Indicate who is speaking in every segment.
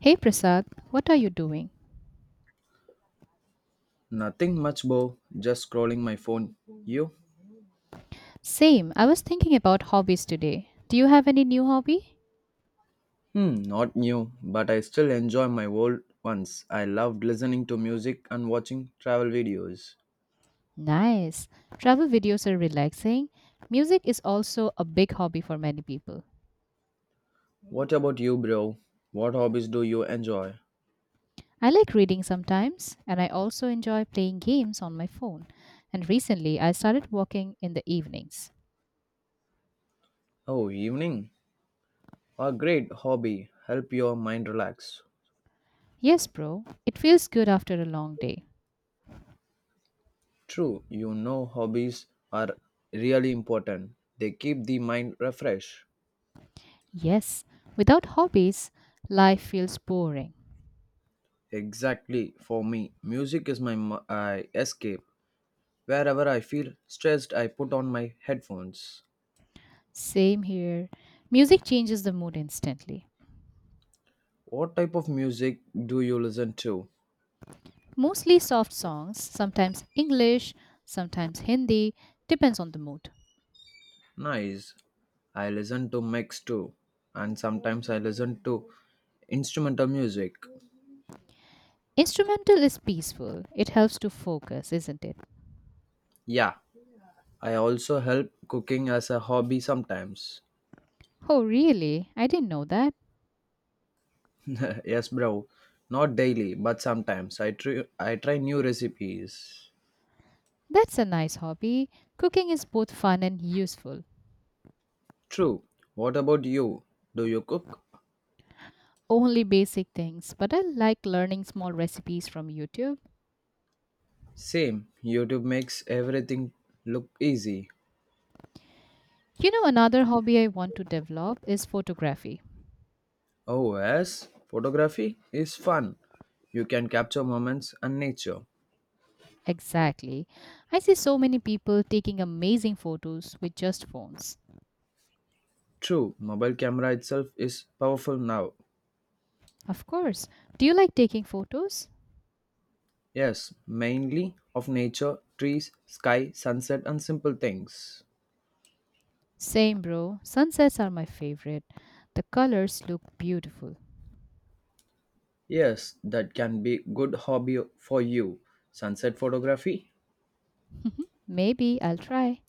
Speaker 1: Hey Prasad, what are you doing?
Speaker 2: Nothing much, Bo. Just scrolling my phone. You?
Speaker 1: Same, I was thinking about hobbies today. Do you have any new hobby?
Speaker 2: Hmm, not new, but I still enjoy my old ones. I loved listening to music and watching travel videos.
Speaker 1: Nice. Travel videos are relaxing. Music is also a big hobby for many people.
Speaker 2: What about you, bro? What hobbies do you enjoy?
Speaker 1: I like reading sometimes, and I also enjoy playing games on my phone. And recently, I started walking in the evenings.
Speaker 2: Oh, evening. A great hobby. Help your mind relax.
Speaker 1: Yes, bro, it feels good after a long day.
Speaker 2: True, you know hobbies are really important. They keep the mind refreshed.
Speaker 1: Yes, without hobbies, life feels boring.
Speaker 2: Exactly, for me, music is I escape. Wherever I feel stressed, I put on my headphones.
Speaker 1: Same here. Music changes the mood instantly.
Speaker 2: What type of music do you listen to?
Speaker 1: Mostly soft songs, sometimes English, sometimes Hindi, depends on the mood.
Speaker 2: Nice. I listen to mix too, and sometimes I listen to instrumental music.
Speaker 1: Instrumental is peaceful. It helps to focus, isn't it?
Speaker 2: Yeah, I also help cooking as a hobby sometimes.
Speaker 1: Oh, really? I didn't know that.
Speaker 2: Yes, bro. Not daily, but sometimes I try new recipes.
Speaker 1: That's a nice hobby. Cooking is both fun and useful.
Speaker 2: True. What about you? Do you cook?
Speaker 1: Only basic things, but I like learning small recipes from YouTube.
Speaker 2: Same. YouTube makes everything look easy.
Speaker 1: You know, another hobby I want to develop is photography.
Speaker 2: Oh, yes, photography is fun. You can capture moments and nature.
Speaker 1: Exactly. I see so many people taking amazing photos with just phones.
Speaker 2: True, mobile camera itself is powerful now.
Speaker 1: Of course. Do you like taking photos?
Speaker 2: Yes, mainly of nature, trees, sky, sunset, and simple things.
Speaker 1: Same, bro. Sunsets are my favorite. The colors look beautiful.
Speaker 2: Yes, that can be good hobby for you. Sunset photography.
Speaker 1: Maybe I'll try.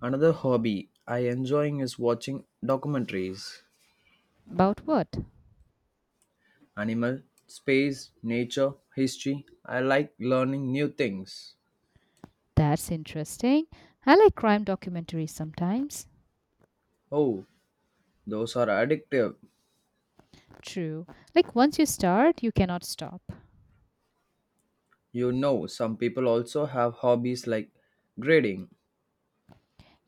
Speaker 2: Another hobby I enjoying is watching documentaries.
Speaker 1: About what?
Speaker 2: Animal, space, nature, history. I like learning new things.
Speaker 1: That's interesting. I like crime documentaries sometimes.
Speaker 2: Oh, those are addictive.
Speaker 1: True. Like once you start, you cannot stop.
Speaker 2: You know, some people also have hobbies like grading.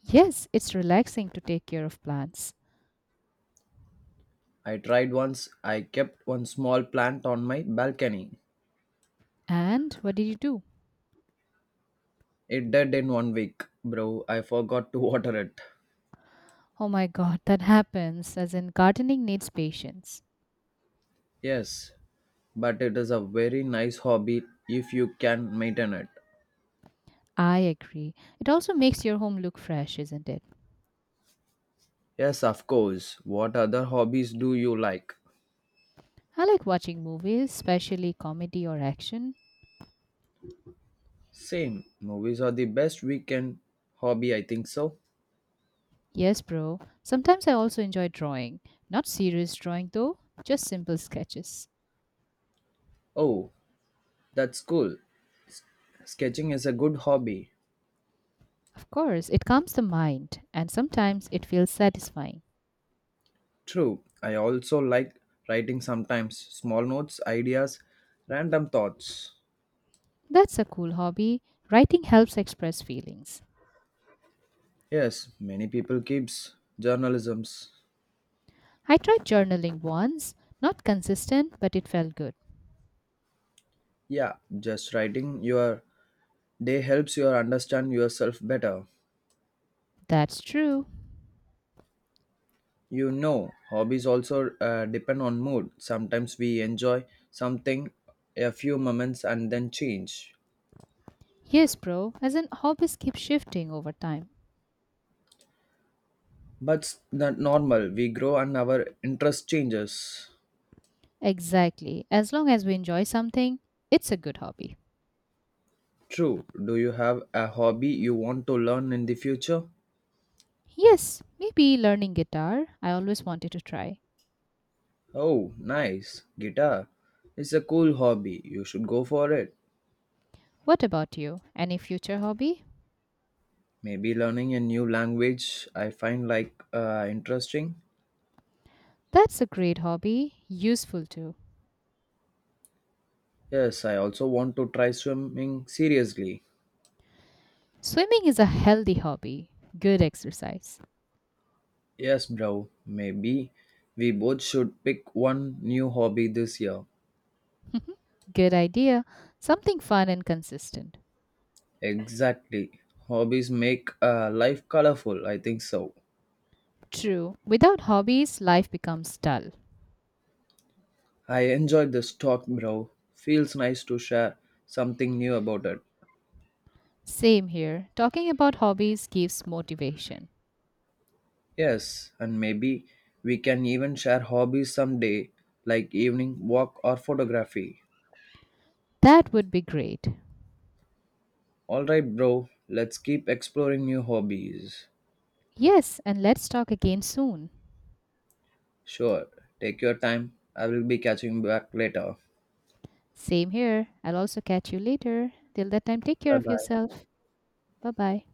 Speaker 1: Yes, it's relaxing to take care of plants.
Speaker 2: I tried once, I kept one small plant on my balcony.
Speaker 1: And what did you do?
Speaker 2: It died in one week, bro. I forgot to water it.
Speaker 1: Oh my god, that happens. As in, gardening needs patience.
Speaker 2: Yes, but it is a very nice hobby if you can maintain it.
Speaker 1: I agree. It also makes your home look fresh, isn't it?
Speaker 2: Yes, of course. What other hobbies do you like?
Speaker 1: I like watching movies, especially comedy or action.
Speaker 2: Same. Movies are the best weekend hobby, I think so.
Speaker 1: Yes, bro. Sometimes I also enjoy drawing. Not serious drawing though, just simple sketches.
Speaker 2: Oh, that's cool. Sketching is a good hobby.
Speaker 1: Of course, it calms the mind and sometimes it feels satisfying.
Speaker 2: True, I also like writing sometimes small notes, ideas, random thoughts.
Speaker 1: That's a cool hobby. Writing helps express feelings.
Speaker 2: Yes, many people keeps journalisms.
Speaker 1: I tried journaling once, not consistent, but it felt good.
Speaker 2: Yeah, just writing your day helps you understand yourself better.
Speaker 1: That's true.
Speaker 2: You know, hobbies also depend on mood. Sometimes we enjoy something a few moments and then change.
Speaker 1: Yes, bro, as in hobbies keep shifting over time.
Speaker 2: But that normal. We grow and our interest changes.
Speaker 1: Exactly. As long as we enjoy something, it's a good hobby.
Speaker 2: True. Do you have a hobby you want to learn in the future?
Speaker 1: Yes, maybe learning guitar. I always wanted to try.
Speaker 2: Oh, nice. Guitar. It's a cool hobby. You should go for it.
Speaker 1: What about you? Any future hobby?
Speaker 2: Maybe learning a new language I find interesting.
Speaker 1: That's a great hobby, useful too.
Speaker 2: Yes, I also want to try swimming seriously.
Speaker 1: Swimming is a healthy hobby, good exercise.
Speaker 2: Yes, bro. Maybe we both should pick one new hobby this year.
Speaker 1: good idea, something fun and consistent.
Speaker 2: Exactly. Hobbies make life colorful. I think so.
Speaker 1: True, without hobbies, life becomes dull.
Speaker 2: I enjoyed this talk, bro. Feels nice to share something new about it.
Speaker 1: Same here, talking about hobbies gives motivation.
Speaker 2: Yes, and maybe we can even share hobbies someday, like evening walk or photography.
Speaker 1: That would be great.
Speaker 2: Alright, bro, let's keep exploring new hobbies.
Speaker 1: Yes, and let's talk again soon.
Speaker 2: Sure, take your time. I will be catching back later.
Speaker 1: Same here, I'll also catch you later. Till that time, take care
Speaker 2: Bye
Speaker 1: of
Speaker 2: bye.
Speaker 1: yourself. Bye bye.